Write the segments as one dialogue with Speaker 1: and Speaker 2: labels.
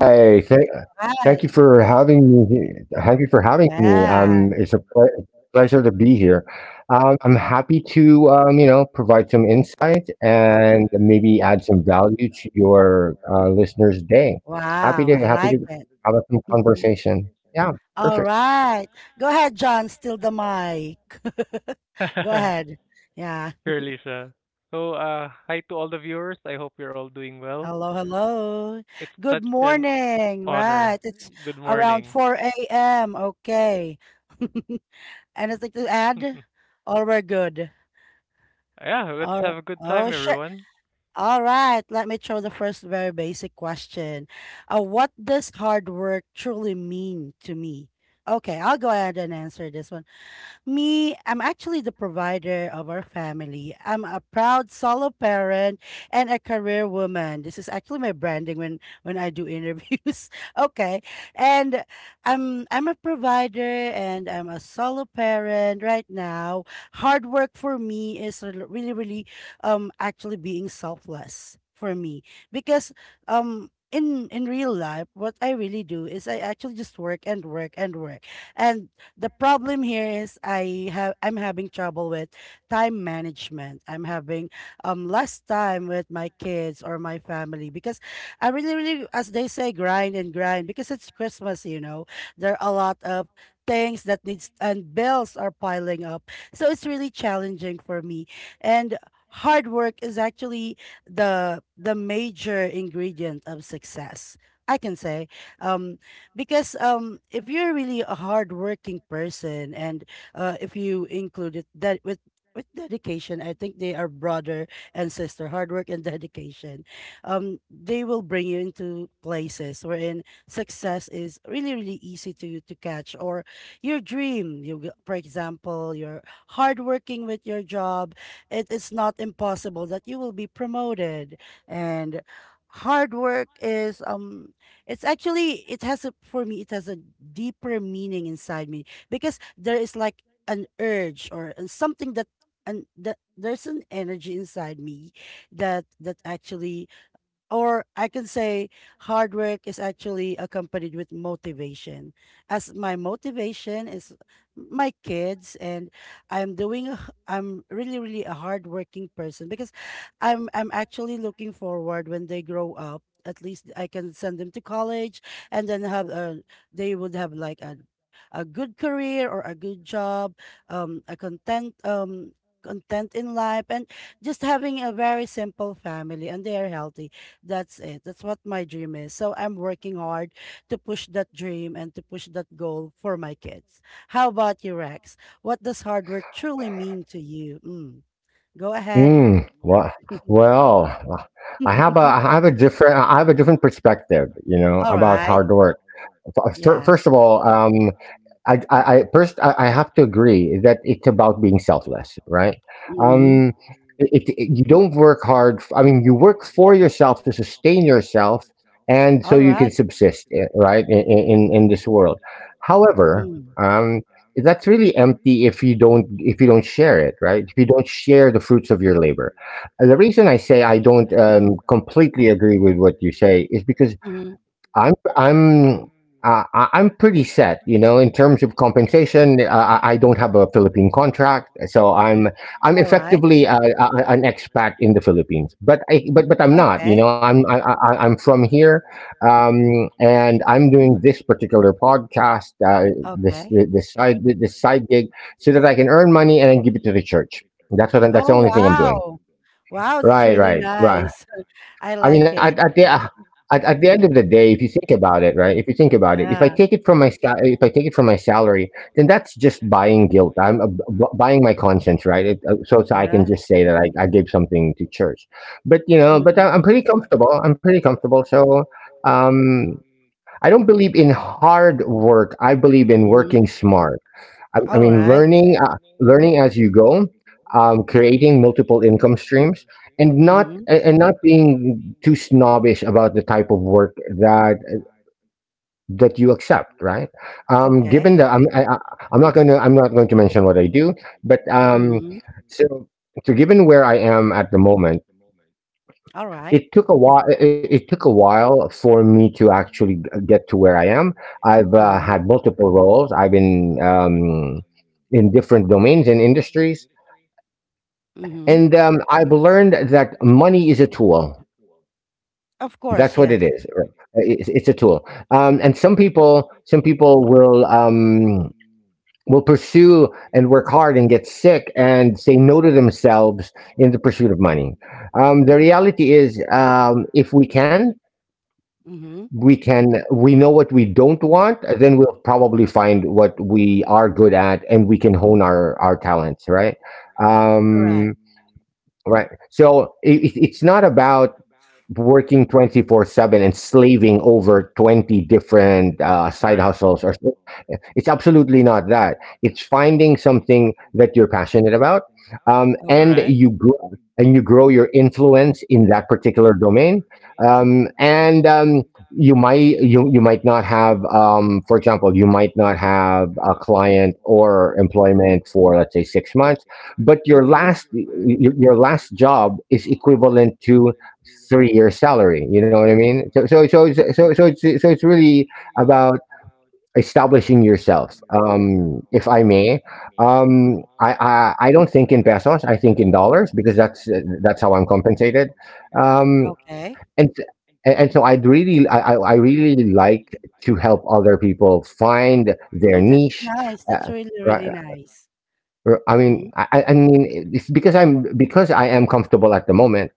Speaker 1: Hi, thank you for having me he Thank you for having me. It's a pleasure to be here. I'm happy to, provide some insight and maybe add some value to your listeners' day. Happy to have a conversation. Yeah, perfect.
Speaker 2: Sure, Lisa. So, hi to all the viewers. I hope you're all doing well. It's such an honor. Good morning. Yeah, let's have a good time, everyone.
Speaker 1: Mm, well, well, I have a different I have a different perspective, about hard work. First of all, I have to agree that it's about being selfless, right? Um, you don't work hard. I mean, you work for yourself to sustain yourself, and so you can subsist, right, in this world. However, um, that's really empty if you don't share it, right? If you don't share the fruits of your labor. And The reason I say I don't completely agree with what you say is because I'm I'm I'm pretty set, in terms of compensation. I don't have a Philippine contract, so I'm effectively an expat in the Philippines. But I'm not. I'm from here, and I'm doing this particular podcast, this side gig, so that I can earn money and then give it to the church. That's the only thing I'm doing. Right, right, right. I mean, at the end of the day, if you think about it, right? If you think about it, if I take it from my sal- if I take it from my salary, then that's just buying guilt. I'm buying my conscience, right? So I can just say that I gave something to church. But I'm pretty comfortable. I'm pretty comfortable. So um, I don't believe in hard work. I believe in working smart. I mean, learning as you go, creating multiple income streams, and not being too snobbish about the type of work that you accept. Right? Given that I'm not going to mention what I do, but so given where I am at the moment, it took a while. It took a while for me to actually get to where I am. I've had multiple roles. I've been in different domains and industries, and I've learned that money is a tool. That's what it is. It's a tool, and some people will pursue and work hard and get sick and say no to themselves in the pursuit of money. The reality is, if we can. We know what we don't want, then we'll probably find what we are good at, and we can hone our talents, right? um Right. So it's not about working 24/7 and slaving over 20 different side
Speaker 2: Right,
Speaker 1: hustles or it's absolutely not that. It's finding something that you're passionate about, and
Speaker 2: right.
Speaker 1: you grow your influence in that particular domain, and you might you, you might not have for example, you might not have a client or employment for, let's say, 6 months, but your last job is equivalent to 3 years salary, you know what I mean? So it's really about establishing yourself. If I may, I don't think in pesos. I think in dollars because that's how I'm compensated. um and and and so I'd really, I really like to help other people find their niche, uh, right? R I mean, It's because I am comfortable at the moment.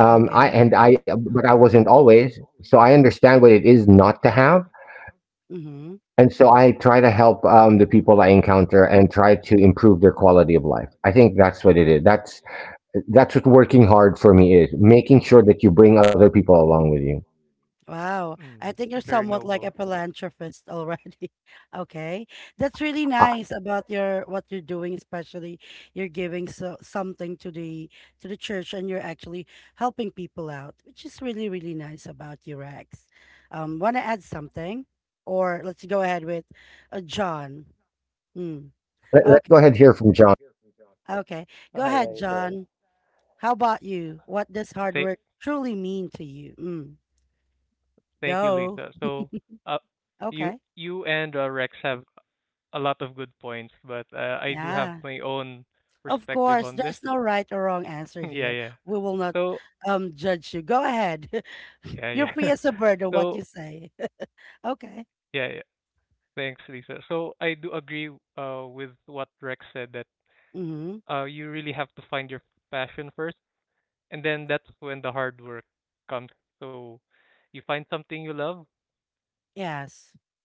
Speaker 1: I and I but I wasn't always, so I understand what it is not to have, and so I try to help, the people I encounter and try to improve their quality of life. I think that's what it is. That's what working hard for me is: making sure that you bring other people along with you.
Speaker 2: Mm, very noble.
Speaker 1: Uh, let's go ahead and hear from John.
Speaker 2: All right, all right. Thank, thank you, Lisa. So, uh, you and Rex have a lot of good points, but I do have my own perspective on this. Yeah, yeah. So, yeah, yeah. So, yeah. Yeah. Thanks, Lisa. So I do agree with what Rex said that you really have to find your passion first, and then that's when the hard work comes. So you find something you love,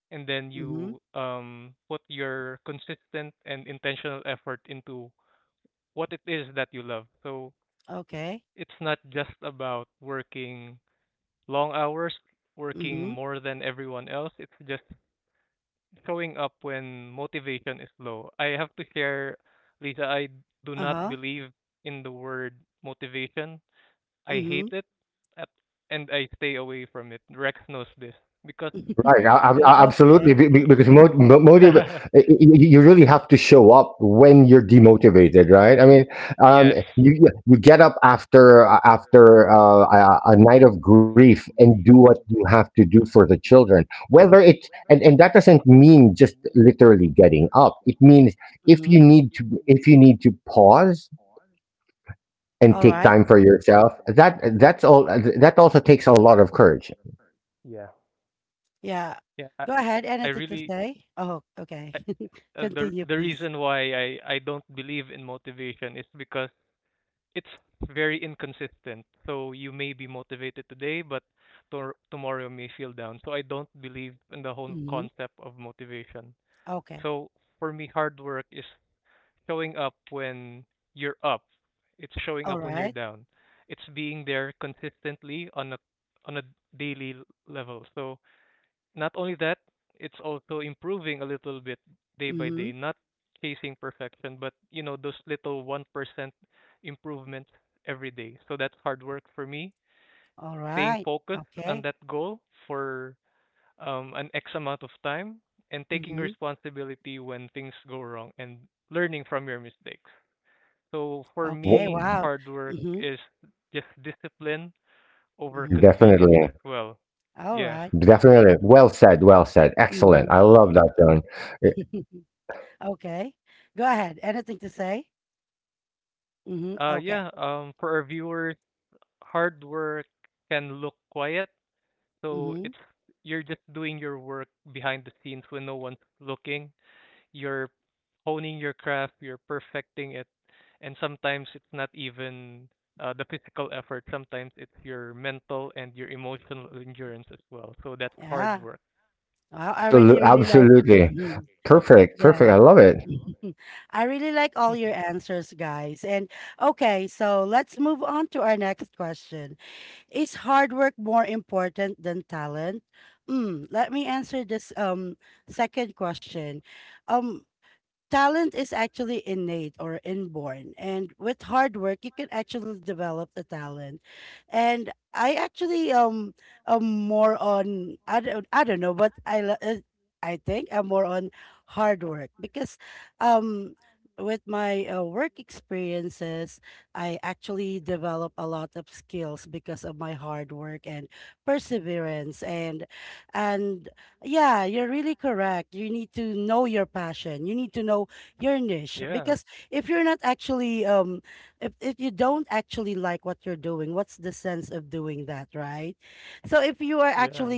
Speaker 2: and then you put your consistent and intentional effort into what it is that you love. So it's not just about working long hours, working more than everyone else. It's just showing up when motivation is low. I have to share, Lisa, I do not believe in the word motivation. I hate it, at, and I stay away from it. Rex knows this because
Speaker 1: Right,
Speaker 2: mot-
Speaker 1: absolutely, because motive,
Speaker 2: yes.
Speaker 1: you really have to show up when you're demotivated, right? I mean, um, you get up after a night of grief and do what you have to do for the children. Whether it's and that doesn't mean just literally getting up. It means if you need to pause and take time for yourself, that's all. That also takes a lot of courage.
Speaker 2: Yeah. Yeah, I really uh, the reason why I don't believe in motivation is because it's very inconsistent. So you may be motivated today, but tomorrow you may feel down. So I don't believe in the whole concept of motivation. So for me, hard work is showing up when you're up. It's showing up when you're down. It's being there consistently on a level. So not only that, it's also improving a little bit day by day, not chasing perfection, but you know, those little 1% improvements every day. So that's hard work for me, staying focused on that goal for an X amount of time and taking responsibility when things go wrong and learning from your mistakes. So for me,
Speaker 1: Wo-
Speaker 2: hard work is just discipline over convenience
Speaker 1: Definitely.
Speaker 2: as well. Yes.
Speaker 1: Definitely. Well said. Well said. Excellent. I love that, John. Eh,
Speaker 2: Yeah. For our viewers, hard work can look quiet, so it's you're just doing your work behind the scenes when no one's looking. You're honing your craft, you're perfecting it, and sometimes it's not even the physical effort. Sometimes it's your mental and your emotional endurance as well. So that's hard work.
Speaker 1: Absolutely. Perfect. Perfect. I love it.
Speaker 2: Yeah, yeah.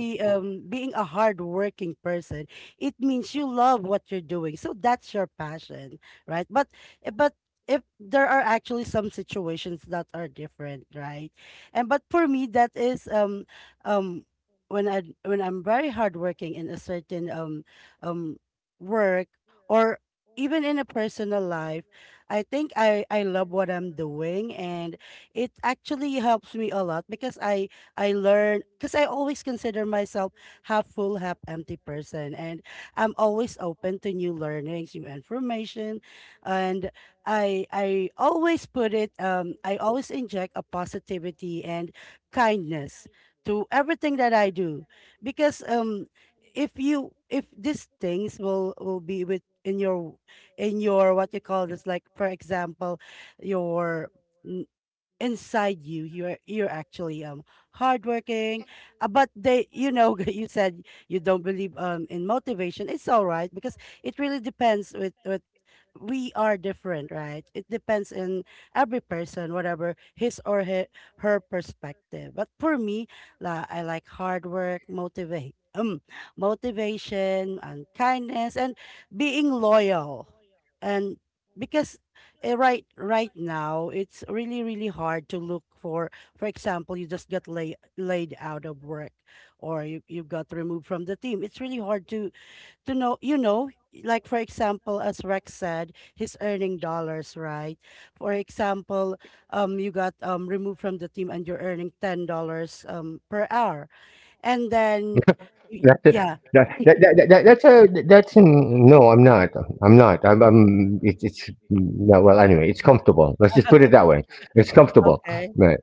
Speaker 1: That, that, that's a that's an, No. I'm not. I'm not. It's no. Well, anyway, it's comfortable. Let's just put it that way. It's comfortable. Right.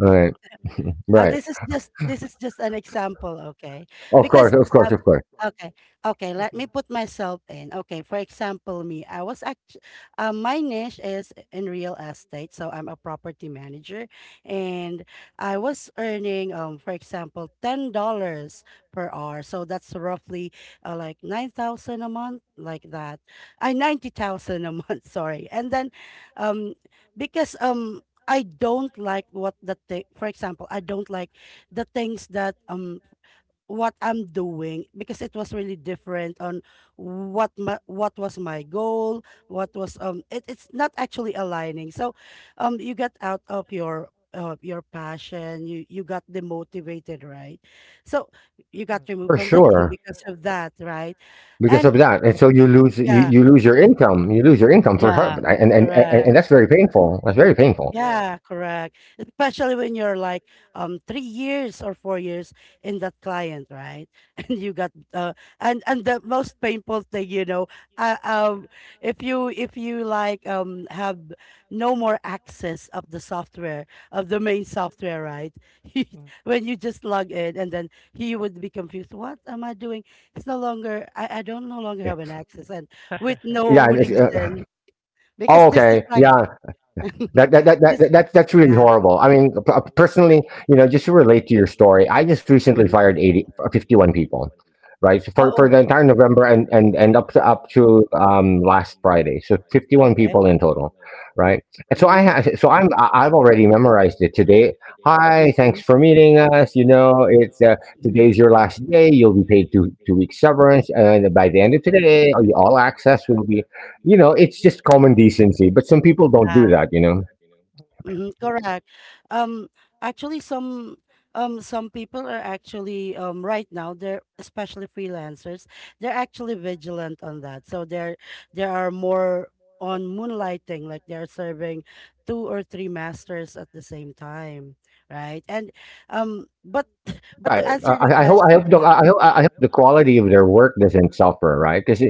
Speaker 1: Right. Right. Of course. Of course. Of course.
Speaker 2: Mm,
Speaker 1: For sure. Because of that, and so you lose your income. You lose your income for her, and that's very painful. That's very painful.
Speaker 2: yeah, mm.
Speaker 1: Yeah, yeah, and
Speaker 2: Yeah,
Speaker 1: oh, okay, yeah, that's really horrible. I mean, p personally, just to relate to your story, I just recently fired 80 51 people, right? So, for the entire November and up to last Friday, so 51 people in total, right? And so I ha- so I'm I- I've already memorized it today. Hi, thanks for meeting us. You know, it's Today's your last day. You'll be paid two weeks severance, and by the end of today, all access will be. You know, it's just common decency, but some people don't do that. You know.
Speaker 2: yeah,
Speaker 1: Right. I hope the quality of their work doesn't suffer, right. Right? 'Cause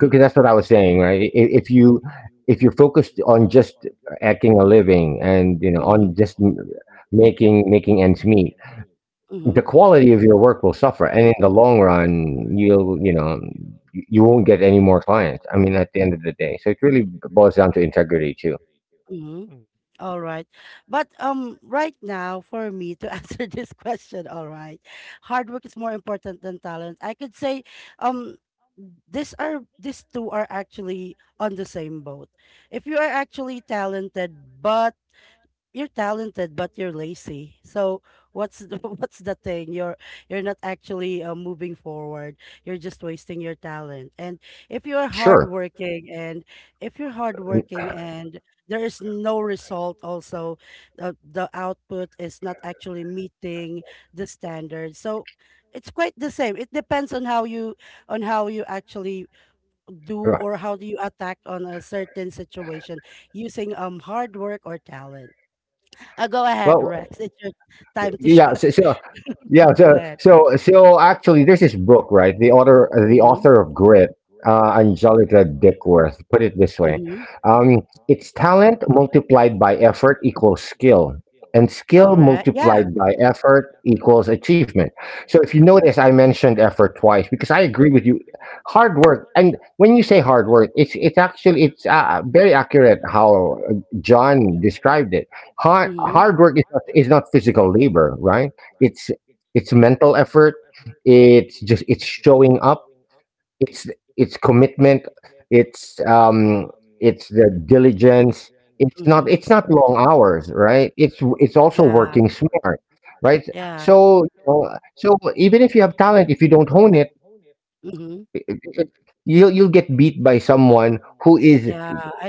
Speaker 1: Because that's what I was saying, right? I if you if you're focused on just acting a living and, on just m making making ends meet, the quality of your work will suffer, and in the long run, you won't get any more clients, I mean, at the end of the day. So it really boils down to integrity too.
Speaker 2: mm,
Speaker 1: Sure. Right. Well, yeah, yeah so so, actually there's this book, right? The author of Grit, Angelica Dickworth, put it this way: um, it's talent multiplied by effort equals skill, and skill multiplied by effort equals achievement. So if you notice, I mentioned effort twice, because I agree with you. Hard work, and when you say hard work, it's actually it's very accurate how John described it. Hard work is not physical labor, right? It's it's mental effort. It's just it's showing up. it's it's commitment. It's um it's the diligence. It's not long hours, right? It's also working smart, right. So uh, so even if you have talent, if you don't hone it, you'll get beat by someone who is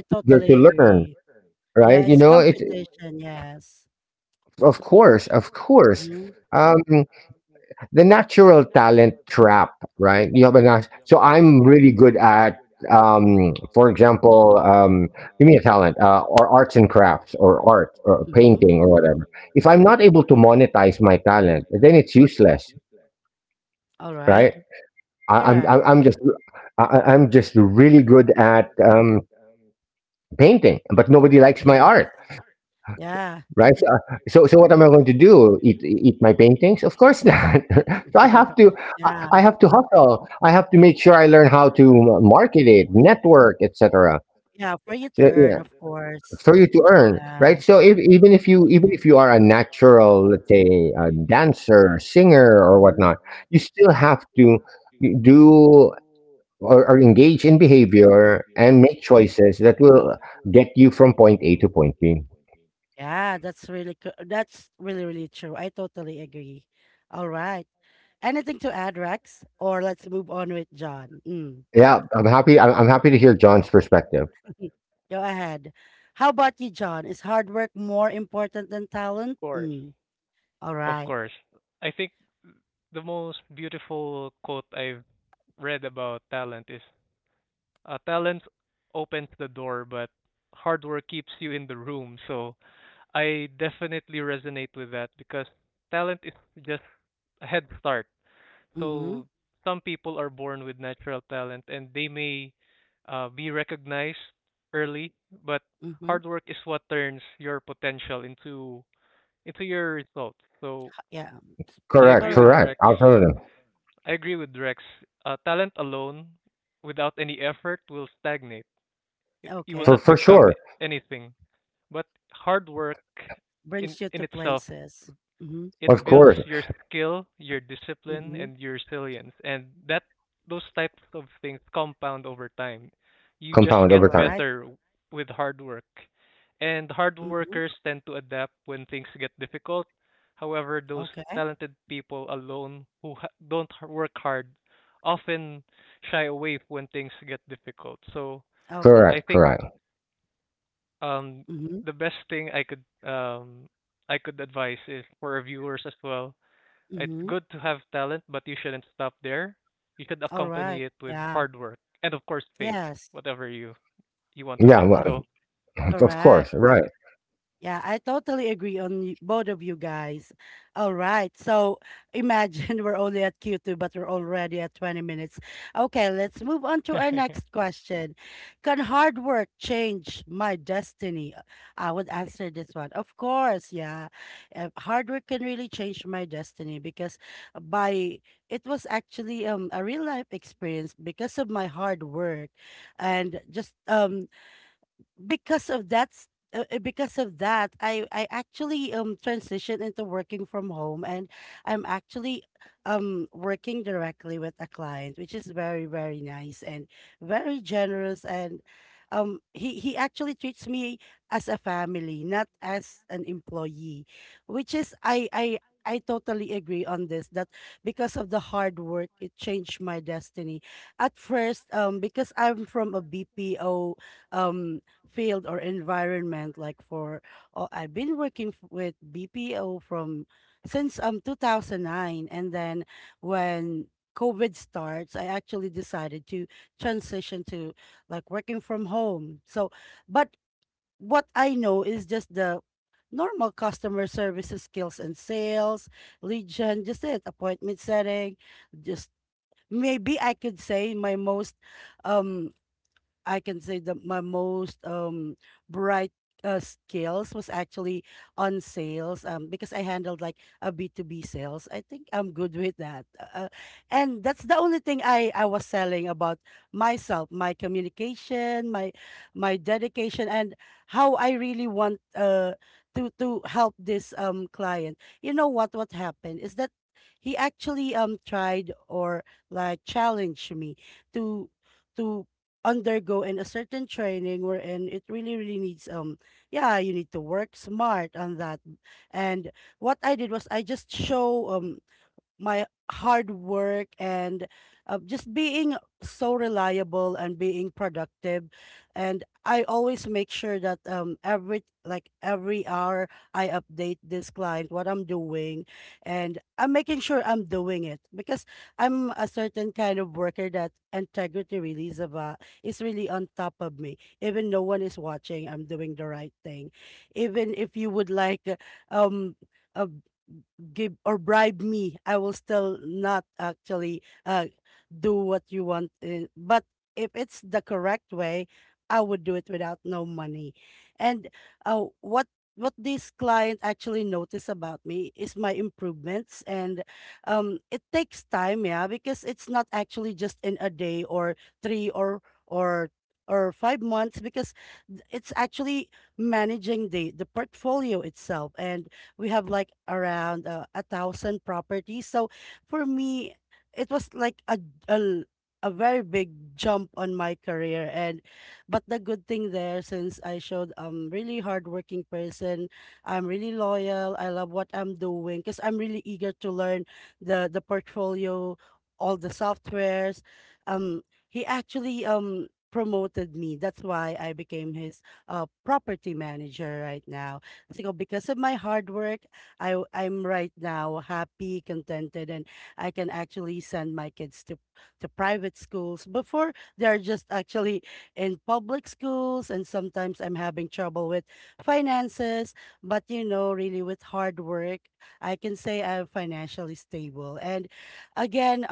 Speaker 1: eager to learn, right? You
Speaker 2: yeah.
Speaker 1: know
Speaker 2: Of
Speaker 1: it. Of course, of course. um the natural talent trap, right? You have a nat- so I'm really good at, for example, give me a talent, or arts and crafts or art or painting or whatever. If I'm not able to monetize my talent, then it's useless, right? I, I'm I'm I'm just I'm just really good at painting, but nobody likes my art. Right? So what am I going to do? Eat my paintings? Of course not. So I have to hustle. I have to make sure I learn how to market it, network, etc. So, yeah, for you to earn, right? So if, even if you are a natural, let's say, a dancer, singer, or whatnot, you still have to do, or engage in behavior and make choices that will get you from point A to point B. Yeah, I'm happy. I'm happy to hear John's perspective.
Speaker 2: course, of course. I think the most beautiful quote I've read about talent is talent opens the door, but hard work keeps you in the room. So I definitely resonate with that because talent is just a head start. So some people are born with natural talent and they may be recognized early, but hard work is what turns your potential into your results. So I agree
Speaker 1: Correct,
Speaker 2: with
Speaker 1: correct.
Speaker 2: Rex.
Speaker 1: Absolutely.
Speaker 2: I agree with Rex. Talent alone, without any effort, will stagnate. You will
Speaker 1: For
Speaker 2: not
Speaker 1: for
Speaker 2: become
Speaker 1: sure.
Speaker 2: anything. But hard work in itself it
Speaker 1: Of
Speaker 2: builds
Speaker 1: course.
Speaker 2: your skill, your discipline, and your resilience. And that those types of things compound over time. You just
Speaker 1: Compound
Speaker 2: get
Speaker 1: over time.
Speaker 2: better with hard work. And hard workers tend to adapt when things get difficult. However, those talented people alone who don't work hard often shy away when things get difficult. So I
Speaker 1: Correct,
Speaker 2: think
Speaker 1: correct.
Speaker 2: um, the best thing I could advise is for our viewers as well it's good to have talent, but you shouldn't stop there. You should accompany it with hard work and of course faith, whatever you want to
Speaker 1: Yeah,
Speaker 2: add.
Speaker 1: well,
Speaker 2: So
Speaker 1: of course. Right.
Speaker 2: yeah,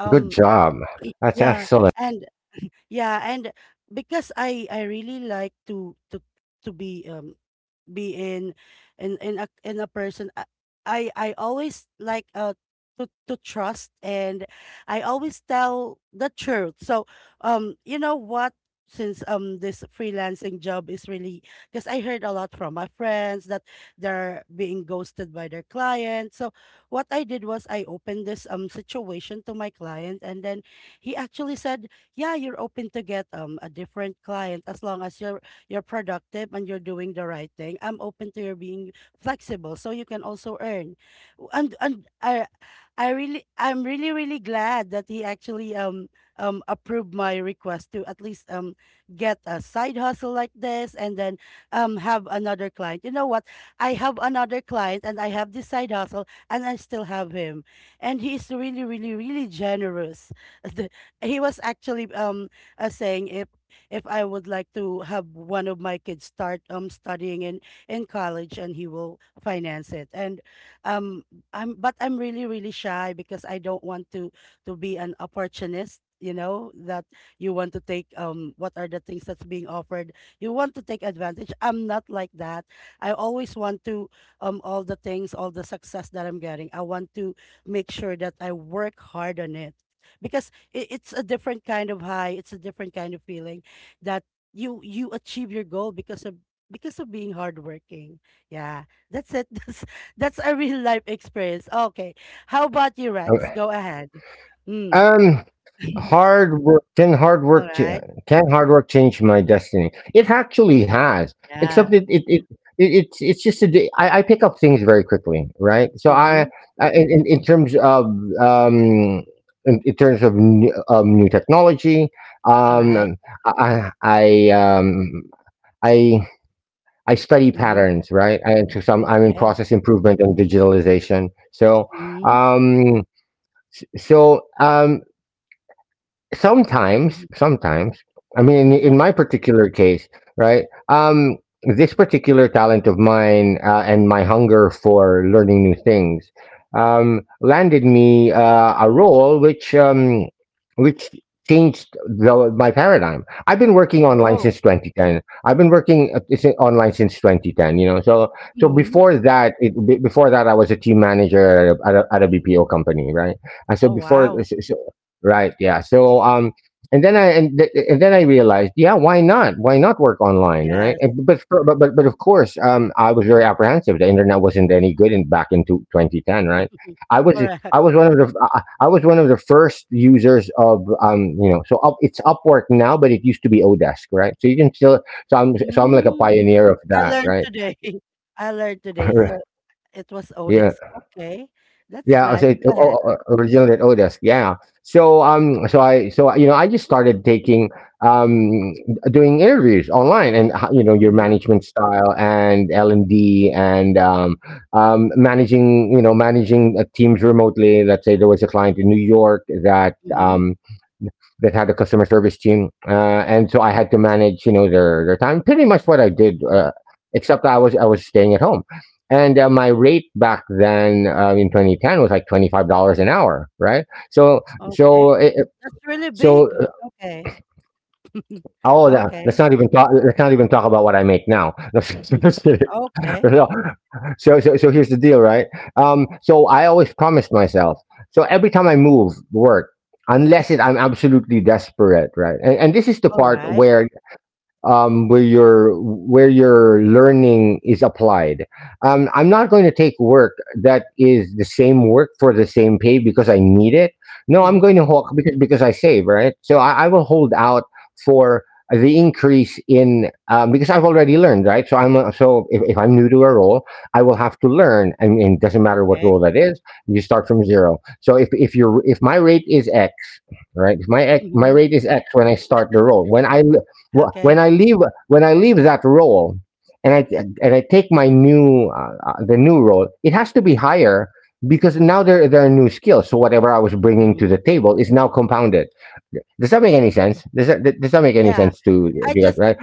Speaker 1: Good job. That's excellent. Um, hard work can hard work ch- can hard work change my destiny? It actually has. Except it's just a di- I pick up things very quickly, right? So I um in terms of new technology, um I I I, um I I study patterns, right? I, to some I'm in process improvement and digitalization. Um so, sometimes I mean, in my particular case, right, this particular talent of mine, and my hunger for learning new things landed me, a role which changed my paradigm. I've been working online since 2010. I've been working is- Online since 2010, you know. So before that, before that, I was a team manager at a bpo company, right. and so before so, so Right. Yeah. So, and then I realized, yeah, why not? Why not work online, right? And, but, for- but but of course, I was very apprehensive. The internet wasn't any good in back in 2010, right? I was I was one of the I was one of the first users of, you know, so, it's Upwork now, but it used to be Odesk, right. So you can still... so I'm like a pioneer of that, right. Yeah. Yeah, I said, oh, o originally at Odesk, yeah. So, so you know, I just started taking, um, doing interviews online, and, you know, your management style and L&D, and, managing, you know, managing, teams remotely. Let's say there was a client in New York that had a customer service team, and so I had to manage, you know, their time. Pretty much what I did. Except I was staying at home, and, my rate back then, in 2010 was like $25 an hour, right? So it, it- so all that. Let's not even talk. Let's not even talk about what I make now. No, just kidding. No. So here's the deal, right? So I always promised myself. So every time I move work, unless it, I'm absolutely desperate, right? And this is the part where, where your learning is applied. I'm not going to take work that is the same work for the same pay because I need it. No, I'm going to hold, because I save, right. So, I will hold out for the increase in, because I've already learned, right. So if I'm new to a role, I will have to learn. I mean, it doesn't matter what role that is. You start from zero. So if my rate is X, right? My rate is X when I start the roll. When I l- wh- when I leave When I leave that roll, and, I take my new, the new roll, it has to be higher because now, there are new skills. So whatever I was bringing to the table is now compounded. Does that make any sense? Does that make any sense to you guys, right?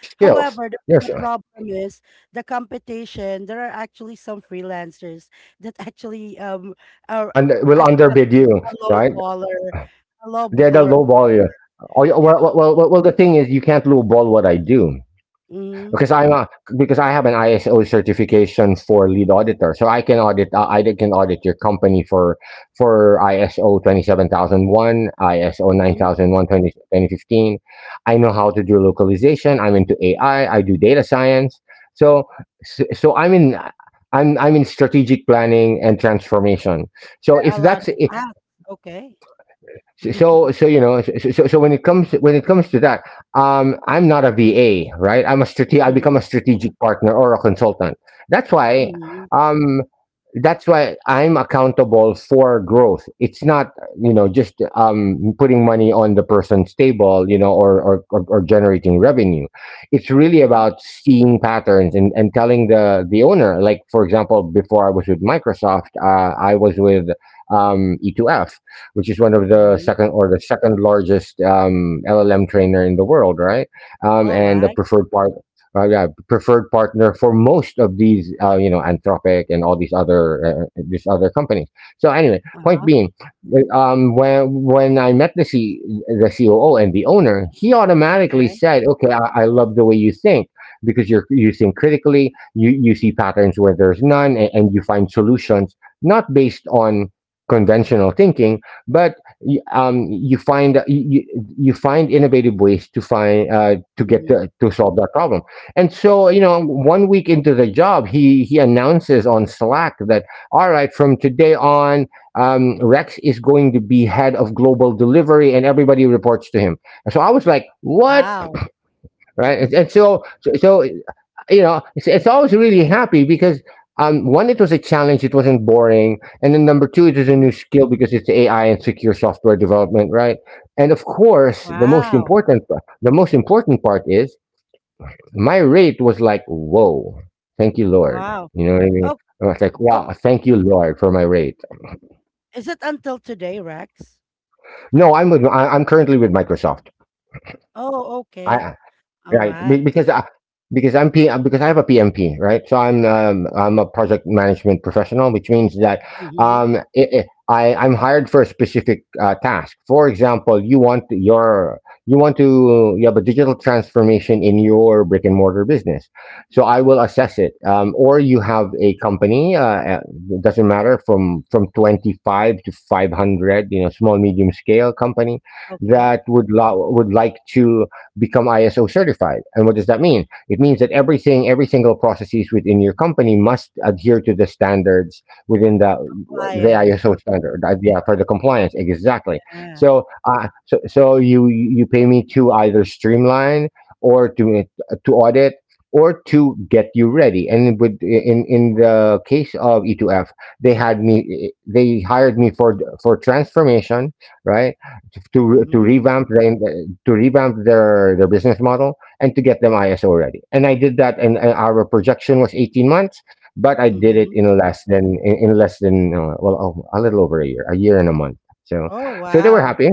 Speaker 1: Skills. Yes. And will underbid you, right? They're the low ball you. Oh, yeah, well, the thing is, you can't low ball what I do. Because I'm a because I have an ISO certification for lead auditor, so, I can audit your company for, ISO 27001, ISO 9001 20 2015. I know how to do localization. I'm into AI. I do data science. So so I'm in strategic planning and transformation. So if that's I- so so so, You know, so when it comes to that, I'm not a VA, right. I become a strategic partner or a consultant. That's why, um that's why I'm accountable for growth. It's not, you know, just, putting money on the person's table, you know, or generating revenue. It's really about seeing patterns and, telling the owner, like, for example, before I was with Microsoft, I was with, E2F, which is one of the second or the second largest, LLM trainer in the world, right? And the preferred part. Yeah, preferred partner for most of these, you know, Anthropic and all these other, these other companies. So anyway, point being, when I met the COO and the owner, he automatically said, "Okay, I love the way you think, because you think critically. You see patterns where there's none, and, you find solutions not based on conventional thinking, but, you find, you find innovative ways, to, to solve that problem." And so, you know, one week into the job, he announces on Slack that, "All right, from today on, Rex is going to be head of global delivery and everybody reports to him." So I was like, what? Right? And you know, it's, always really happy because, one, it was a challenge, it wasn't boring, and then number two, it was a new skill because it's AI and secure software development, right? And of course, the most important part is my rate was like, whoa. Thank you, Lord. You know what I mean? I was like, wow, thank you, Lord, for my rate. No, I'm with, I'm currently with Microsoft. I... Right, be because I because I'm P because I have a PMP, right. So, I'm a project management professional, which means that, I'm hired for a specific, task. For example, you want your you want to you have a digital transformation in your brick and mortar business. So I will assess it. Or you have a company, uh, it doesn't matter, from, 25 to 500, you know, small medium scale company that, would like to become ISO certified. And what does that mean? It means that everything, every single processes within your company must adhere to the standards within the ISO standard. Yeah, for the compliance, exactly. So, you pay me to either streamline or to, to audit or to get you ready. And, with in the case of E2F, they hired me for, transformation, right? To revamp the to revamp their business model and to get them ISO ready. And I did that. And, our projection was 18 months, but I did it in less than... a little over a year and a month. So, so they were happy.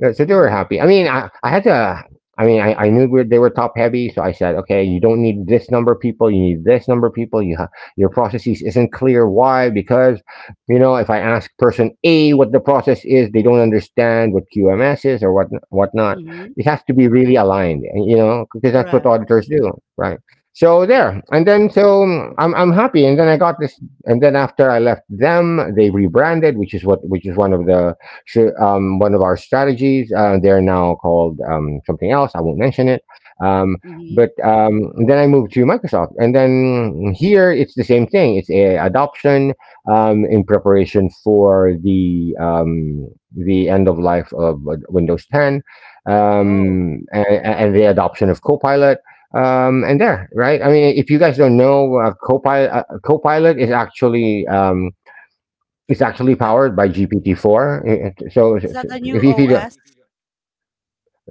Speaker 1: Yeah, so they were happy. I mean, I had to. I mean, I knew we they were top heavy, so I said, okay, you don't need this number of people. You need this number of people. Your processes isn't clear. Why? Because, you know, if I ask person A what the process is, they don't understand what QMS is or what whatnot. It has to be really aligned, you know, because that's what auditors do, right? So there. And then so, I'm happy, and then I got this, and then after I left them, they rebranded, which is one of the, one of our strategies. They're now called, something else. I won't mention it. Um, but, then I moved to Microsoft, and then here it's the same thing. It's a adoption, in preparation for the, the end of life of, Windows 10, and, the adoption of Copilot. And there, right? I mean, if you guys don't know, Copilot, Copilot is actually, it's actually powered by GPT-4. So, if you don't-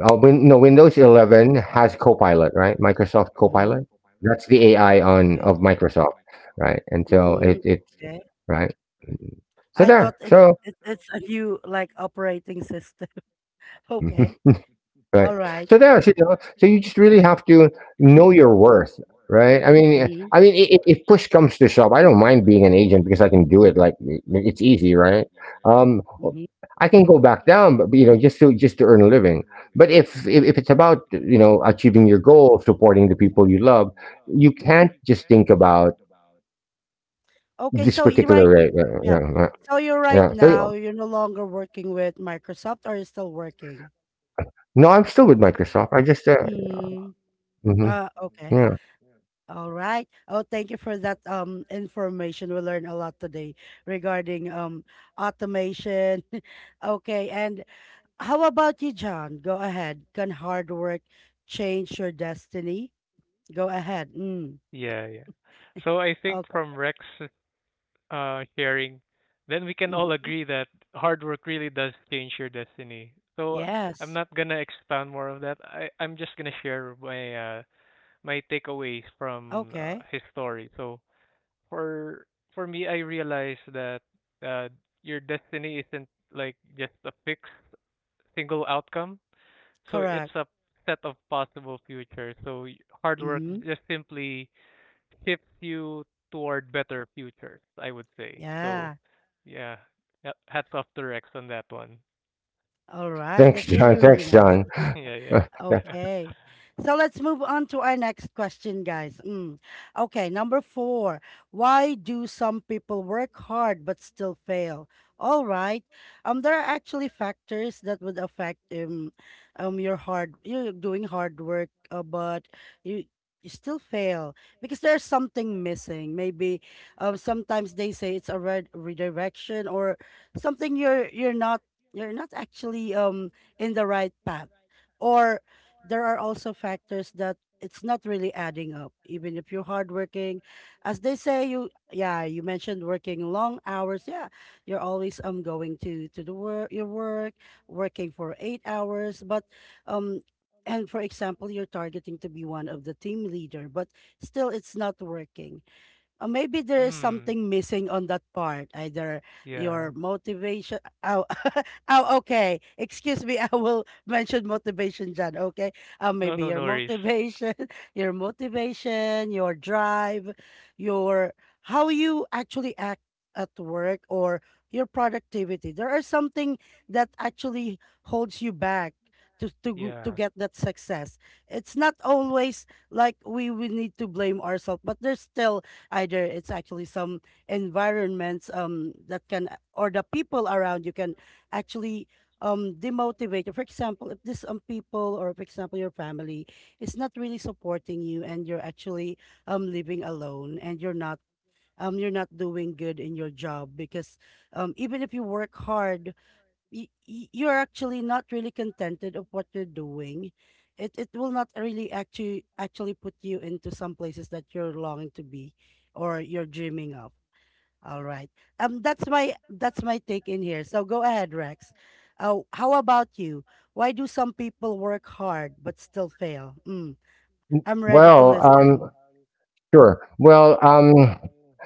Speaker 1: win, no Windows 11 has Copilot, right? Microsoft Copilot. That's the AI on of Microsoft, right. And so, it's... right. So there. So. Mm-hmm. Right. So there's, you know, so you just really have to know your worth, right? I mean, I mean, if push comes to shove, I don't mind being an agent because I can do it. Like, it's easy, right? Um, I can go back down, but you know, just to, earn a living. But if it's about, you know, achieving your goal, supporting the people you love, you can't just think about this particular rate. Yeah, yeah, yeah. Yeah. So, no, I'm still with Microsoft. I just, mhm, yeah.
Speaker 2: yeah. So I think from Rex sharing, then we can all agree that hard work really does change your destiny. So I'm not gonna expound more of that. I'm just gonna share my my takeaways from his story. So for for me, I realize that uh, your destiny isn't like just a fixed single outcome. So it's a set of possible futures. Hard work just simply shifts you toward better futures, I would say. So yeah, yeah, hats off to Rex on that one.
Speaker 1: Thanks, John. Thanks, John.
Speaker 2: Yeah, yeah. Mm, yeah. No, no, no worries. Yeah,
Speaker 1: Well, sure. Well,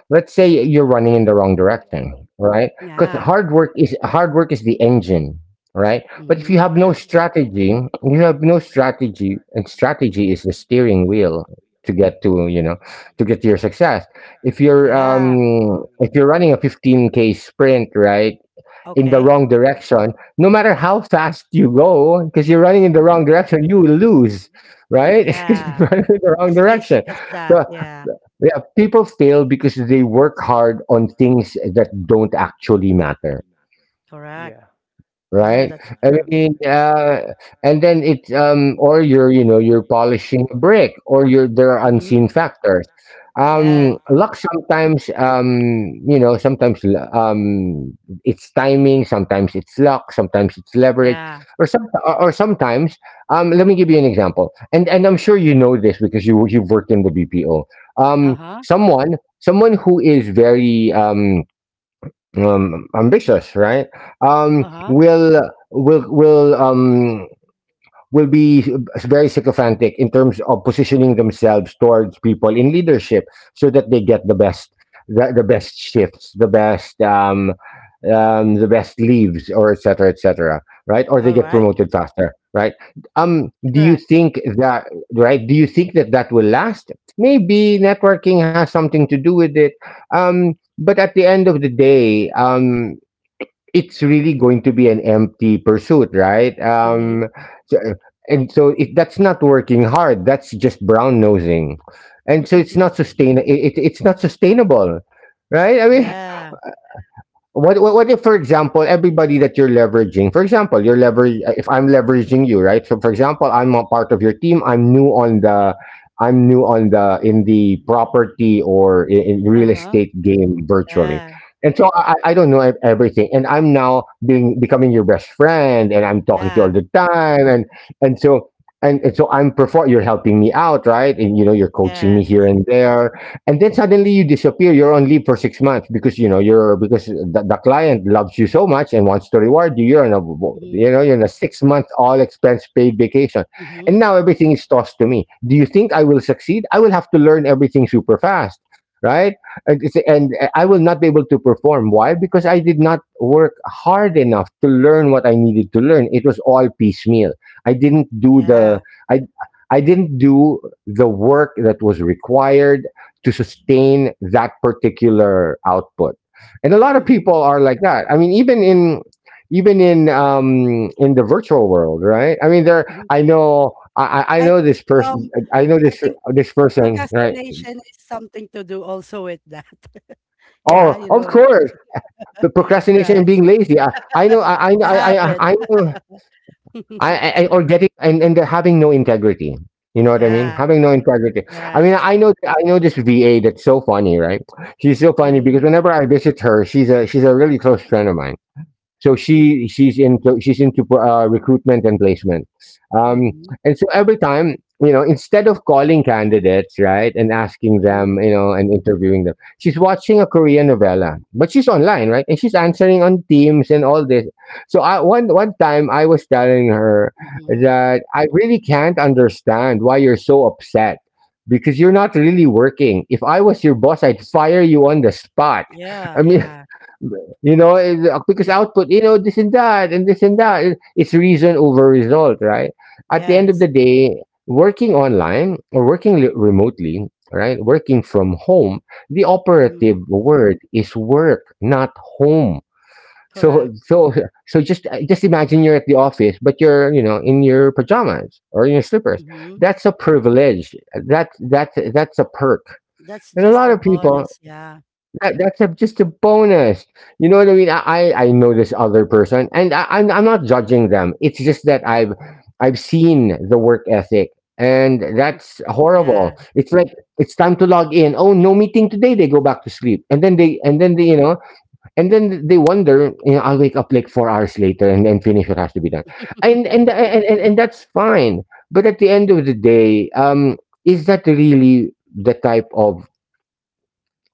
Speaker 1: let's say you're running in the wrong direction, right? Because hard work is the engine, right? But if you have no
Speaker 2: yeah,
Speaker 1: strategy, you have no strategy, and strategy is the steering wheel to get to to get to your success. If you're running a 15k sprint, right? In the wrong direction, no matter how fast you go, because you're running in the wrong direction, you will lose, right? Because you're running in the wrong direction. So, yeah, people fail because they work hard on things that don't actually matter,
Speaker 2: yeah,
Speaker 1: right? I mean, uh, and then it's or you're you're polishing a brick, or you're there are unseen factors. Luck sometimes, sometimes it's timing, sometimes it's luck, sometimes it's leverage, or sometimes. Let me give you an example, and I'm sure you know this because you've worked in the BPO. Someone who is very ambitious, right? Um, will will will um will be very sycophantic in terms of positioning themselves towards people in leadership so that they get the best the best shifts, the best leaves, or et cetera, et cetera, right? Or they get promoted faster, right? Do you think that, right, do you think that that will last? Maybe networking has something to do with it. um but at the end of the day, it's really going to be an empty pursuit, right? So- and that's not working hard. That's just brown nosing, and so it's not sustain. It's not sustainable, right? I mean, what if, for example, everybody that you're leveraging, for example, you're lever if I'm leveraging you, right? So, for example, I'm a part of your team. I'm new on the in the property or in real estate game virtually, and so I don't know everything, and I'm now being becoming your best friend, and I'm talking to you all the time, and and so so I'm perform. You're helping me out, right? And you're coaching me here and there, and then suddenly you disappear, you're on leave for 6 months because you know you're because the client loves you so much and wants to reward you, you're in a, you're in a 6 month all expense paid vacation, and now everything is tossed to me. Do you think I will succeed? I will have to learn everything super fast, right? And I will not be able to perform. Why? Because I did not work hard enough to learn what I needed to learn. It was all piecemeal. I didn't do the i I didn't do the work that was required to sustain that particular output. And a lot of people are like that. I mean, even in even in the virtual world, right? I mean, there. I know. I know this person. I know this person, right? Oh, of course, the procrastination and being lazy. I know. I know. Or getting, and they're having no integrity. You know what I mean? Having no integrity. I mean, I know this VA that's so funny, right? She's so funny because whenever I visit her, she's a really close friend of mine, so she's into recruitment and placement. um, and so every time, instead of calling candidates, right, and asking them, and interviewing them, she's watching a Korean novella, but she's online, right, and she's answering on Teams and all this. So I one one time I was telling her that I really can't understand why you're so upset, because you're not really working. If I was your boss, I'd fire you on the spot. I mean, because output, you know, this and that, and this and that. It's reason over result, right? At the end of the day, working online or remotely, right? Working from home, the operative word is work, not home. So, so just imagine you're at the office, but you're in your pajamas or your slippers. That's a privilege. That's a perk. And a lot of people, that's a, just a bonus. You know what I mean? I know this other person, and I'm not judging them. It's just that I've seen the work ethic, and that's horrible. It's like it's time to log in. Oh, no meeting today. They go back to sleep, and then they and then they wonder. You know, I'll wake up like 4 hours later and then finish what has to be done, and and that's fine. But at the end of the day, is that really the type of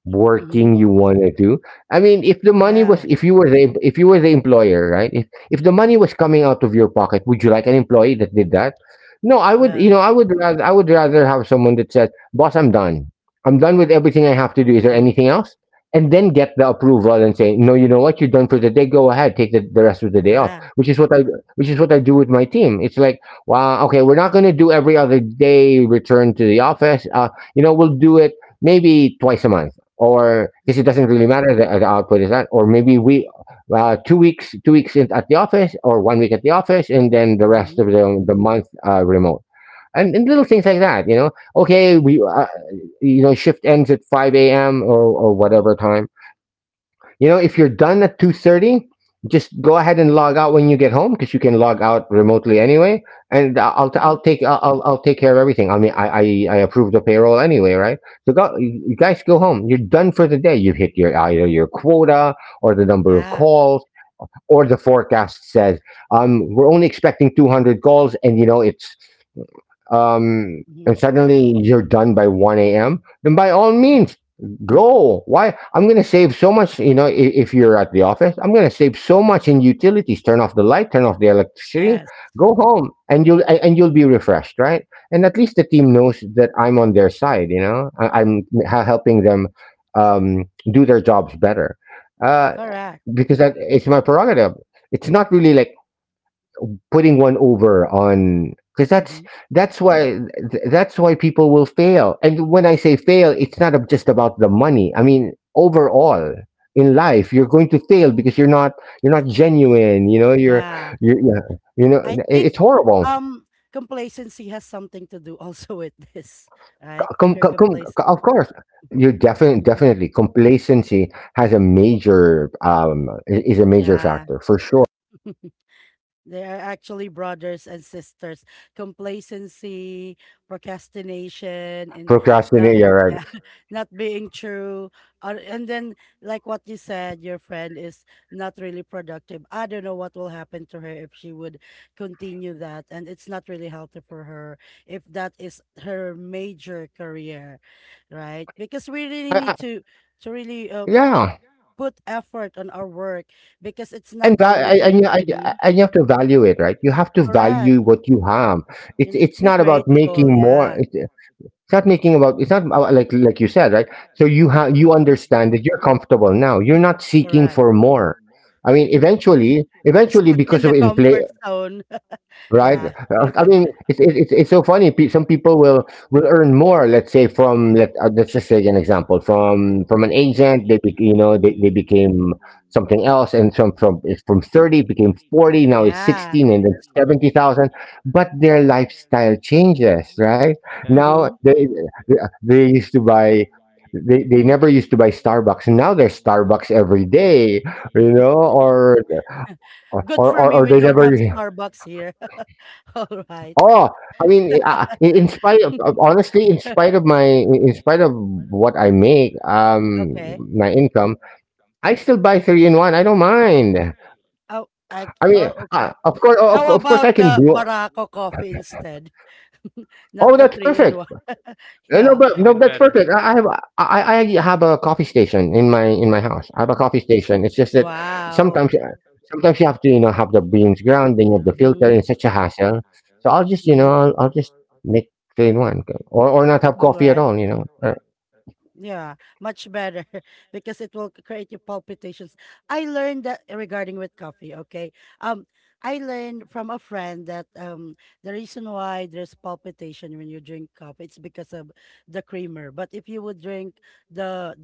Speaker 1: working you want to do? I mean, if the money was, if you were the if you were the employer, right, if the money was coming out of your pocket, would you like an employee that did that? No, I would, I would rather, I would rather have someone that says, boss, I'm done. I'm done with everything I have to do. Is there anything else? And then get the approval and say, no, you know what, you're done for the day, go ahead, take the rest of the day off, which is what I do with my team. It's like, wow, okay, we're not going to do every other day return to the office. You know, we'll do it maybe twice a month, or because it doesn't really matter, the output is that. Or maybe we 2 weeks in, at the office, or 1 week at the office and then the rest of the month remote. And little things like that, you know, okay we you know shift ends at 5 a.m., or whatever time. You know, if you're done at 2:30, just go ahead and log out when you get home because you can log out remotely anyway. And I- will I'll take, I'll take care of everything. I mean, I approve the payroll anyway, right? So go, you guys go home. You're done for the day. You've hit your either your quota or the number of calls, or the forecast says, we're only expecting 200 calls, and you know it's and suddenly you're done by 1 a.m., then by all means, go. Why? I'm going to save so much, you know, if you're at the office, I'm going to save so much in utilities. Turn off the light, turn off the electricity, go home and you'll be refreshed. Right. And at least the team knows that I'm on their side. You know, I'm helping them, um, do their jobs better. Uh, because it's my prerogative. It's not really like putting one over on, because that's that's why that's why people will fail. And when I say fail, it's not just about the money. I mean, overall in life, you're going to fail because you're not, you're not genuine. You know, you're yeah, you know, it's horrible. Com- com- com- of course. You're definitely, definitely complacency has a major is a major factor for sure. Procrastinate, yeah, right? I, I, yeah, and and you have to value it, right? You have to value what you have. It's not about making more. It's not making about it's not about, like you said, right? So you have, you understand that you're comfortable now, you're not seeking for more. I mean, eventually, eventually because of inflation. Right? I mean, it's it's so funny. Some people will earn more. Let's say from, let's just say an example, from an agent. They be, you know they became something else, and from, it's from 30 became 40. Now it's 16, and then 70,000. But their lifestyle changes, right?
Speaker 2: yeah.
Speaker 1: Now they used to buy. They never used to buy Starbucks, and now there's Starbucks every day, you know, or they never Oh, I mean, in spite of honestly, in spite of in spite of what I make, my income, I still buy three in one. I don't mind. I mean, of course, of course, I can do. Oh, that's perfect.
Speaker 2: Even
Speaker 1: No, that's
Speaker 2: better.
Speaker 1: perfect. I have a coffee station in my house. I have a coffee station. It's just that sometimes uh, sometimes you have to have the beans ground, then you have the filter, and it's such a hassle. So I'll just I'll just make plain one, or not have coffee at all.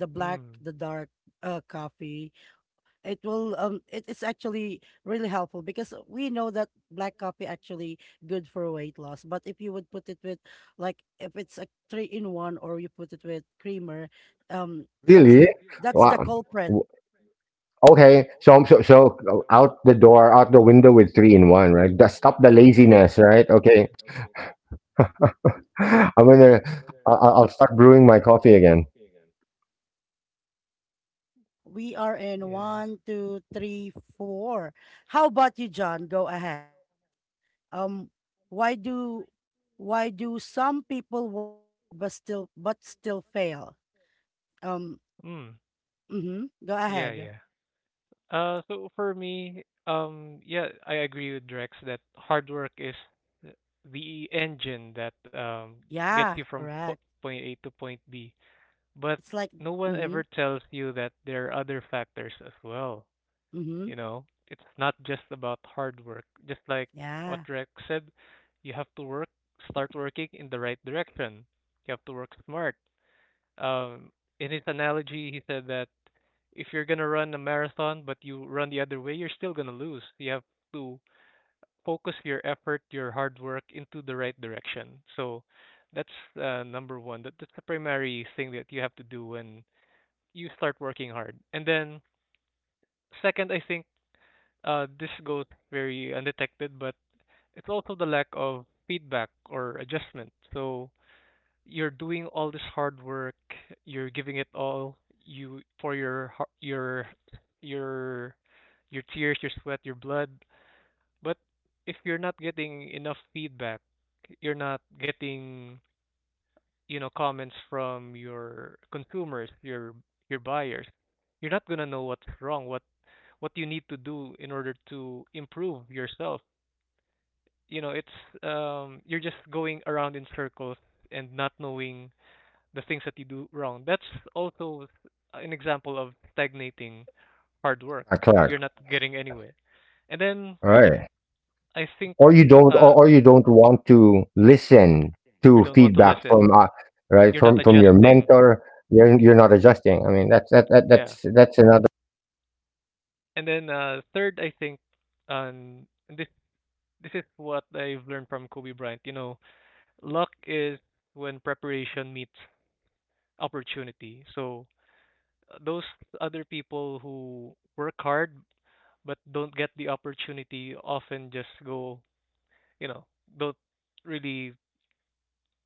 Speaker 2: Mm,
Speaker 1: Really? Wow. W- Okay, so out the door, out the window with three in one, right? Just stop the laziness, right? Okay, I'm gonna I'll I'll start brewing my coffee again.
Speaker 2: yeah. Yeah. Mm, yeah, yeah. So for me, yeah, I agree with Drex that hard work is th- the engine that gets you from point A to point B. But no one ever tells you that there are other factors as well. You know, it's not just about hard work. Just like what Drex said, you have to start working in the right direction. You have to work smart. Um, in his analogy, he said that if you're gonna run a marathon but you run the other way, you're still gonna lose. You have to focus your effort, your hard work into the right direction. So that's number one. That's the primary thing that you have to do when you start working hard. And then second, I think this goes very undetected, but it's also the lack of feedback or adjustment. So you're doing all this hard work, you're giving it all you for your har- your your your tears, your sweat, your blood, but if you're not getting enough feedback, you're not getting, you know, comments from your consumers, your buyers, you're not going to know what's wrong, what you need to do in order to improve yourself. You know, it's you're just going around in circles and not knowing the things that you do wrong. That's also an example of stagnating hard work.
Speaker 1: Correct,
Speaker 2: You're
Speaker 1: correct.
Speaker 2: not getting anywhere. And then
Speaker 1: Right.
Speaker 2: I think
Speaker 1: Or you don't,
Speaker 2: uh,
Speaker 1: or, or you don't want to listen
Speaker 2: you don't
Speaker 1: to
Speaker 2: want to listen.
Speaker 1: feedback from,
Speaker 2: You're
Speaker 1: right,
Speaker 2: not
Speaker 1: from your
Speaker 2: adjusting.
Speaker 1: mentor. You're not adjusting. I mean, that's that, that
Speaker 2: Yeah.
Speaker 1: that's another
Speaker 2: And then third, I think, um, this this is what I've learned from Kobe Bryant. You know, luck is when preparation meets opportunity. So those other people who work hard but don't get the opportunity often just go you know don't really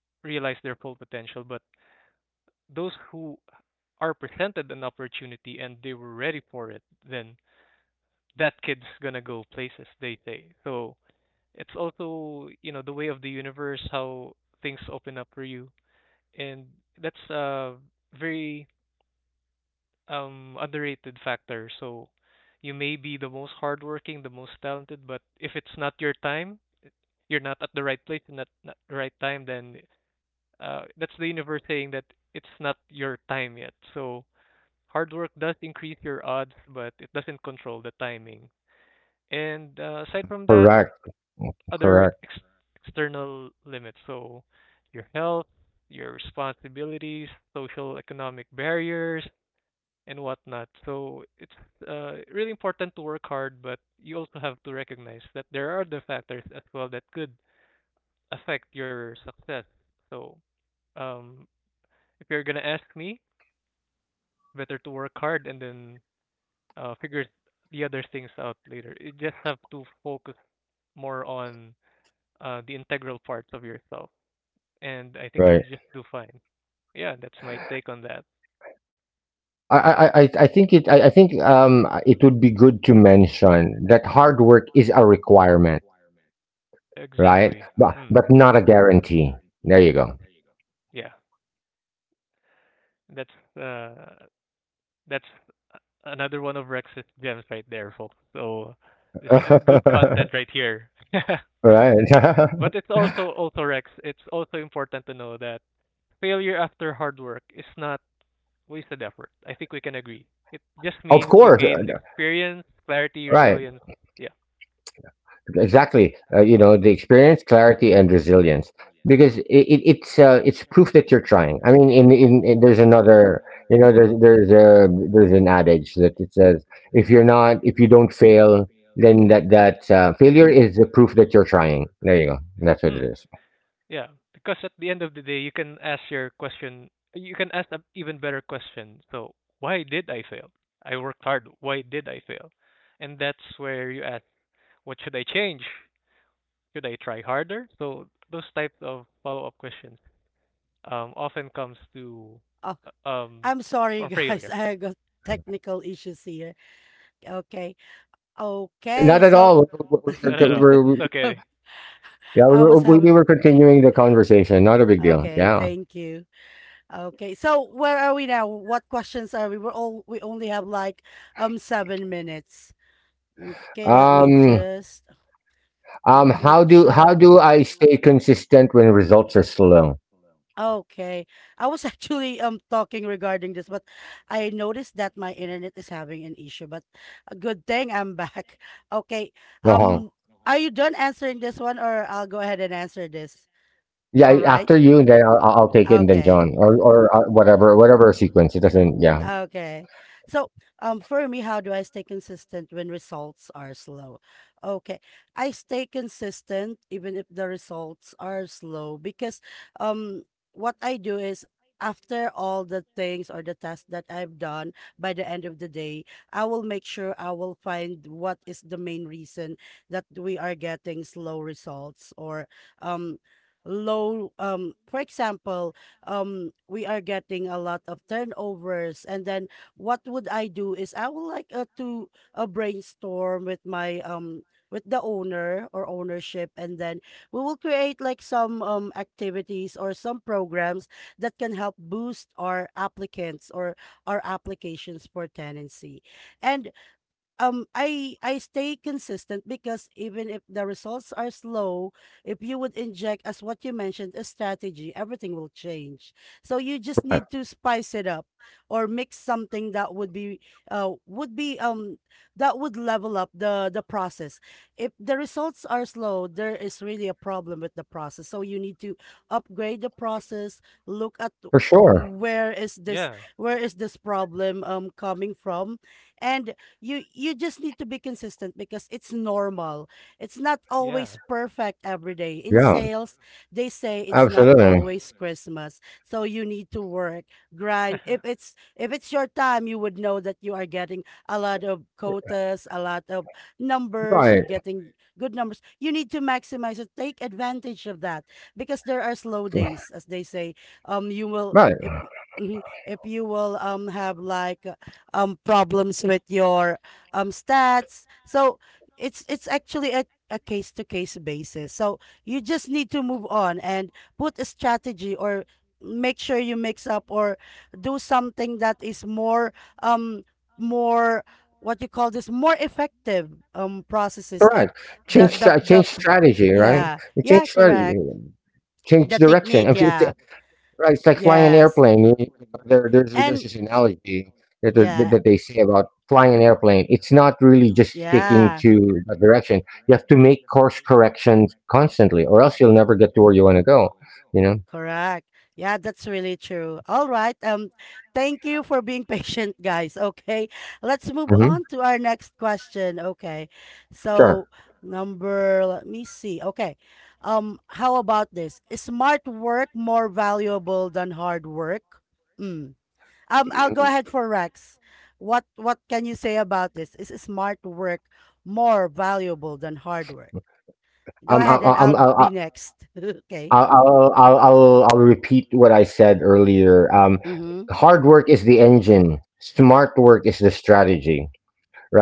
Speaker 2: realize their full potential, but those who are presented an opportunity and they were ready for it, then that kid's gonna go places, they say. So it's also, you know, the way of the universe how things open up for you, and that's a very underrated factor. So you may be the most hardworking, the most talented, but if it's not your time, you're not at the right place and at not the right time, then that's the universe saying that it's not your time yet. So hard work does increase your odds, but it doesn't control the timing. And aside from that,
Speaker 1: correct,
Speaker 2: other
Speaker 1: correct.
Speaker 2: ex- external limits. So your health, your responsibilities, social economic barriers, and whatnot. So it's really important to work hard, but you also have to recognize that there are other factors as well that could affect your success. So um, if you're gonna ask me, better to work hard and then figure the other things out later. You just have to focus more on the integral parts of yourself, and I think you'll
Speaker 1: Right.
Speaker 2: just do fine. Yeah, that's my take on that.
Speaker 1: I think it would be good to mention that hard work is a requirement, right?
Speaker 2: Exactly. Hmm.
Speaker 1: But not a guarantee. There you go.
Speaker 2: Yeah, that's uh, that's a- another one of Rex's gems right there, folks. So this is good content right here.
Speaker 1: right.
Speaker 2: But it's also also Rex. It's also important to know that failure after hard work is not wasted effort. I think we can agree. It just means
Speaker 1: Of
Speaker 2: you
Speaker 1: course.
Speaker 2: gain experience, clarity,
Speaker 1: Right.
Speaker 2: resilience. Yeah.
Speaker 1: Exactly you know the experience clarity and resilience because it's proof that you're trying. I mean in there's another, there's a there's an adage that it says, if you're not if you don't fail, then that that failure is the proof that you're trying. There you go, that's
Speaker 2: Mm,
Speaker 1: what it is.
Speaker 2: yeah. Because at the end of the day, you can ask your question, you can ask an even better question. So, why did I fail? I worked hard. Why did I fail? And that's where you ask, what should I change? Should I try harder? So, those types of follow up questions often comes to
Speaker 3: Oh,
Speaker 2: uh, um,
Speaker 3: I'm
Speaker 2: from
Speaker 3: sorry,
Speaker 2: failure.
Speaker 3: guys. I got technical issues here. Okay.
Speaker 1: Not,
Speaker 3: Okay.
Speaker 1: not at
Speaker 3: So
Speaker 1: all,
Speaker 2: No, no, no.
Speaker 1: we're,
Speaker 2: It's okay.
Speaker 1: we
Speaker 3: I was
Speaker 1: were, we
Speaker 3: having.
Speaker 1: we were continuing the conversation, not a big deal.
Speaker 3: Okay.
Speaker 1: Yeah
Speaker 3: Thank you. Okay. So where are we now? What questions are we? We're all. We only have like 7 minutes. Okay. Let me
Speaker 1: um
Speaker 3: just. Let me
Speaker 1: how
Speaker 3: check.
Speaker 1: do I stay consistent when results are slow?
Speaker 3: Okay. I was actually talking regarding this, but I noticed that my internet is having an issue, but a good thing I'm back. Okay.
Speaker 1: uh
Speaker 3: Um, are you done answering this one, or I'll go ahead and answer this?
Speaker 1: Yeah,
Speaker 3: All right.
Speaker 1: after you, then I'll take it, and then
Speaker 3: Okay.
Speaker 1: John, or whatever, whatever sequence. It doesn't. Yeah,
Speaker 3: Okay. So, for me, how do I stay consistent when results are slow? Okay. I stay consistent even if the results are slow because um what I do is, after all the things or the tasks that I've done by the end of the day, I will make sure I will find what is the main reason that we are getting slow results, or um low. For example, we are getting a lot of turnovers, and then what would I do is I would like to brainstorm with my with the owner or ownership, and then we will create like some activities or some programs that can help boost our applicants or our applications for tenancy. And I stay consistent because, even if the results are slow, if you would inject, as what you mentioned, a strategy, everything will change. So you just
Speaker 1: right.
Speaker 3: need to spice it up or mix something that would be that would level up the process. If the results are slow, there is really a problem with the process. So you need to upgrade the process, look at
Speaker 1: For sure.
Speaker 3: where is
Speaker 2: Yeah.
Speaker 3: this where is this problem coming from. And you just need to be consistent because it's normal. It's not
Speaker 2: Yeah.
Speaker 3: always perfect every day. In
Speaker 1: Yeah,
Speaker 3: sales, they say it's not
Speaker 1: absolutely.
Speaker 3: always Christmas. So you need to work, grind. If it's your time, you would know that you are getting a lot of quotas, a lot of numbers, you're
Speaker 1: Right,
Speaker 3: getting good numbers. You need to maximize it. Take advantage of that because there are slow days, as they say. You will
Speaker 1: right,
Speaker 3: if Mhm. if you will have like problems with your stats. So it's actually a case to case basis. So you just need to move on and put a strategy, or make sure you mix up or do something that is more um more, what you call this, more effective processes.
Speaker 1: right.
Speaker 3: The
Speaker 1: Change strategy. Right,
Speaker 3: Yeah,
Speaker 1: you change
Speaker 3: yeah,
Speaker 1: strategy.
Speaker 3: correct.
Speaker 1: Change
Speaker 3: The
Speaker 1: direction. I
Speaker 3: technique,
Speaker 1: mean, it's,
Speaker 3: yeah.
Speaker 1: right, it's like flying an
Speaker 3: Yes,
Speaker 1: airplane. You know, there's
Speaker 3: and
Speaker 1: this analogy that, that
Speaker 3: yeah,
Speaker 1: that they say about flying an airplane. It's not really just sticking
Speaker 3: yeah.
Speaker 1: to the direction. You have to make course corrections constantly, or else you'll never get to where you want to go. You know.
Speaker 3: Correct. Yeah, that's really true. All right. Thank you for being patient, guys. Okay. Let's move
Speaker 1: Mm-hmm.
Speaker 3: on to our next question. Okay.
Speaker 1: Sure.
Speaker 3: So, let me see. Okay. How about this? Is smart work more valuable than hard work? Mm. I'll go
Speaker 1: Mhm.
Speaker 3: ahead for Rex. What can you say about this? Is smart work more valuable than hard work? Go ahead, and
Speaker 1: I I'm
Speaker 3: I'll
Speaker 1: I
Speaker 3: be next. Okay.
Speaker 1: I'll repeat what I said earlier.
Speaker 3: Mm-hmm.
Speaker 1: Hard work is the engine. Smart work is the strategy,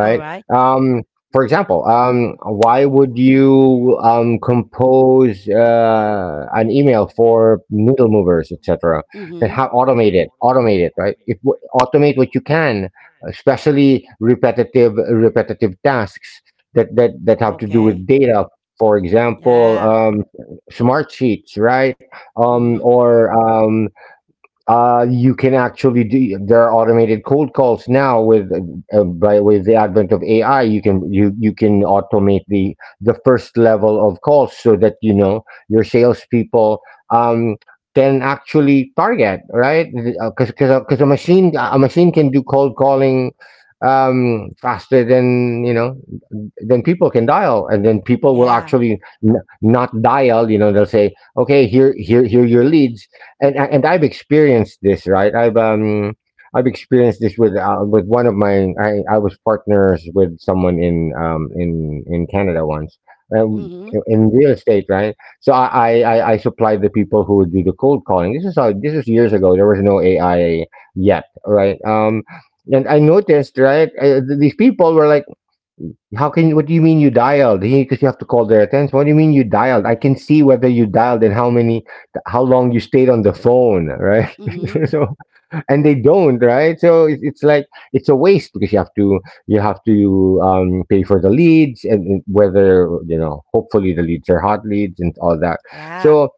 Speaker 3: All right.
Speaker 1: Um, for example, why would you compose an email for needle movers, etc.? Then
Speaker 3: Mhm.
Speaker 1: how automate it? Automate it, right? If, automate what you can, especially repetitive tasks that have to do
Speaker 3: Okay.
Speaker 1: with data. For example,
Speaker 3: Yeah.
Speaker 1: smart sheets, right?
Speaker 3: Mhm.
Speaker 1: Or You can actually do. There are automated cold calls now with by with the advent of AI. You can you you can automate the first level of calls so that you know your salespeople, um, can actually target, right? Because a machine can do cold calling, faster than, you know, than people can dial, and then people will
Speaker 3: Yeah.
Speaker 1: actually not dial, you know, they'll say okay, here are your leads. And I've experienced this, right? I've experienced this with one of my, I was partners with someone in in Canada once, um,
Speaker 3: Mhm.
Speaker 1: in real estate, right? So I supplied the people who would do the cold calling. This is how this was years ago. There was no AI yet, right? And I noticed, right? These people were like, how can you? What do you mean you dialed? Because you have to call their attention. What do you mean you dialed? I can see whether you dialed, and how many, how long you stayed on the phone, right?
Speaker 3: Mhm.
Speaker 1: So, and they don't, right? So it's like, it's a waste because you have to, you have to pay for the leads, and whether you know, hopefully the leads are hot leads and all that.
Speaker 3: Yeah.
Speaker 1: So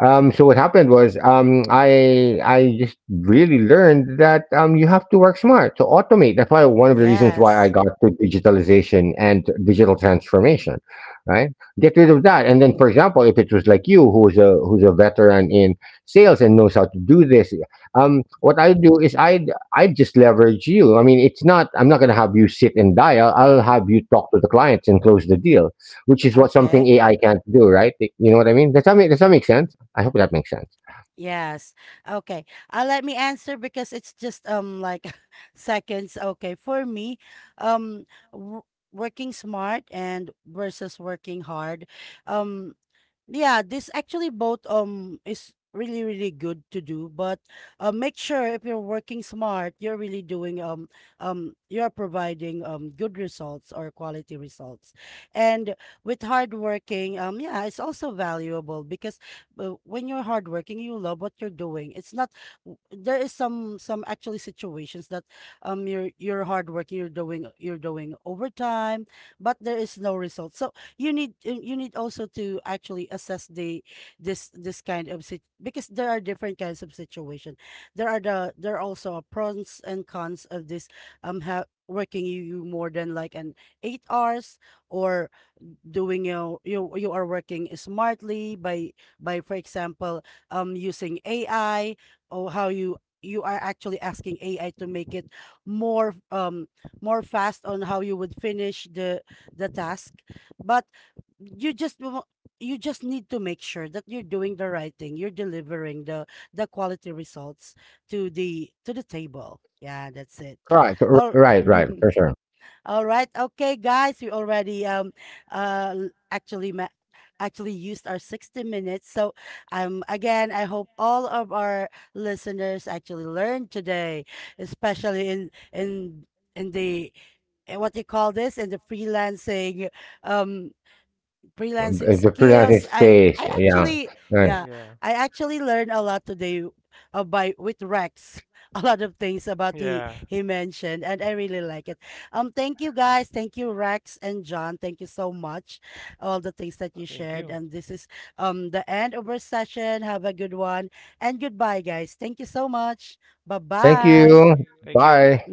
Speaker 1: so what happened was I just really learned that you have to work smart to automate. That's why one of the reasons why I
Speaker 3: Yes.
Speaker 1: got to digitalization and digital transformation, right? Get rid of that, and then, for example, if it was like you, who's a veteran in sales and knows how to do this, what I do is I just leverage you. I mean, it's not, I'm not going to have you sit and dial. I'll have you talk to the clients and close the deal, which is what something
Speaker 3: Okay.
Speaker 1: AI can't do, right? You know what I mean? Does does that make sense? I hope that makes sense.
Speaker 3: Yes. Okay. Let me answer because it's just like seconds. Okay. For me, um w working smart and versus working hard. Um Yeah, this actually both is really really good to do, but make sure if you're working smart, you're really doing you're providing good results or quality results. And with hard working, yeah, it's also valuable because, when you're hardworking, you love what you're doing. It's not w- There is some actually situations that you're hardworking, you're doing overtime, but there is no result. So you need, you need also to actually assess the this kind of sit, because there are different kinds of situation. There are also a pros and cons of this ha working you, you more than like an 8 hours, or doing your you are working smartly by for example using AI, or how you are actually asking AI to make it more, fast on how you would finish the task. But you just wa- you just need to make sure that you're doing the right thing, you're delivering the quality results to the table. Yeah, that's it.
Speaker 1: Right,
Speaker 3: All
Speaker 1: right, right, for sure.
Speaker 3: All right. Okay, guys, we already uh l- actually ma- actually used our 60 minutes. So again, I hope all of our listeners actually learned today, especially in the what you call this, in the freelancing um freelancing
Speaker 1: The pleasure
Speaker 3: skills. I
Speaker 1: space.
Speaker 3: I
Speaker 1: Yeah.
Speaker 3: actually,
Speaker 1: Right.
Speaker 2: Yeah.
Speaker 3: yeah, I actually learned a lot today by with Rex. A lot of things about
Speaker 2: Yeah.
Speaker 3: he mentioned, and I really like it. Thank you, guys. Thank you, Rex and John. Thank you so much. All the things that you
Speaker 2: Thank you.
Speaker 3: shared, and this is the end of our session. Have a good one, and goodbye, guys. Thank you so much.
Speaker 1: Thank you.
Speaker 3: Bye-bye.
Speaker 2: Thank you.
Speaker 1: Bye.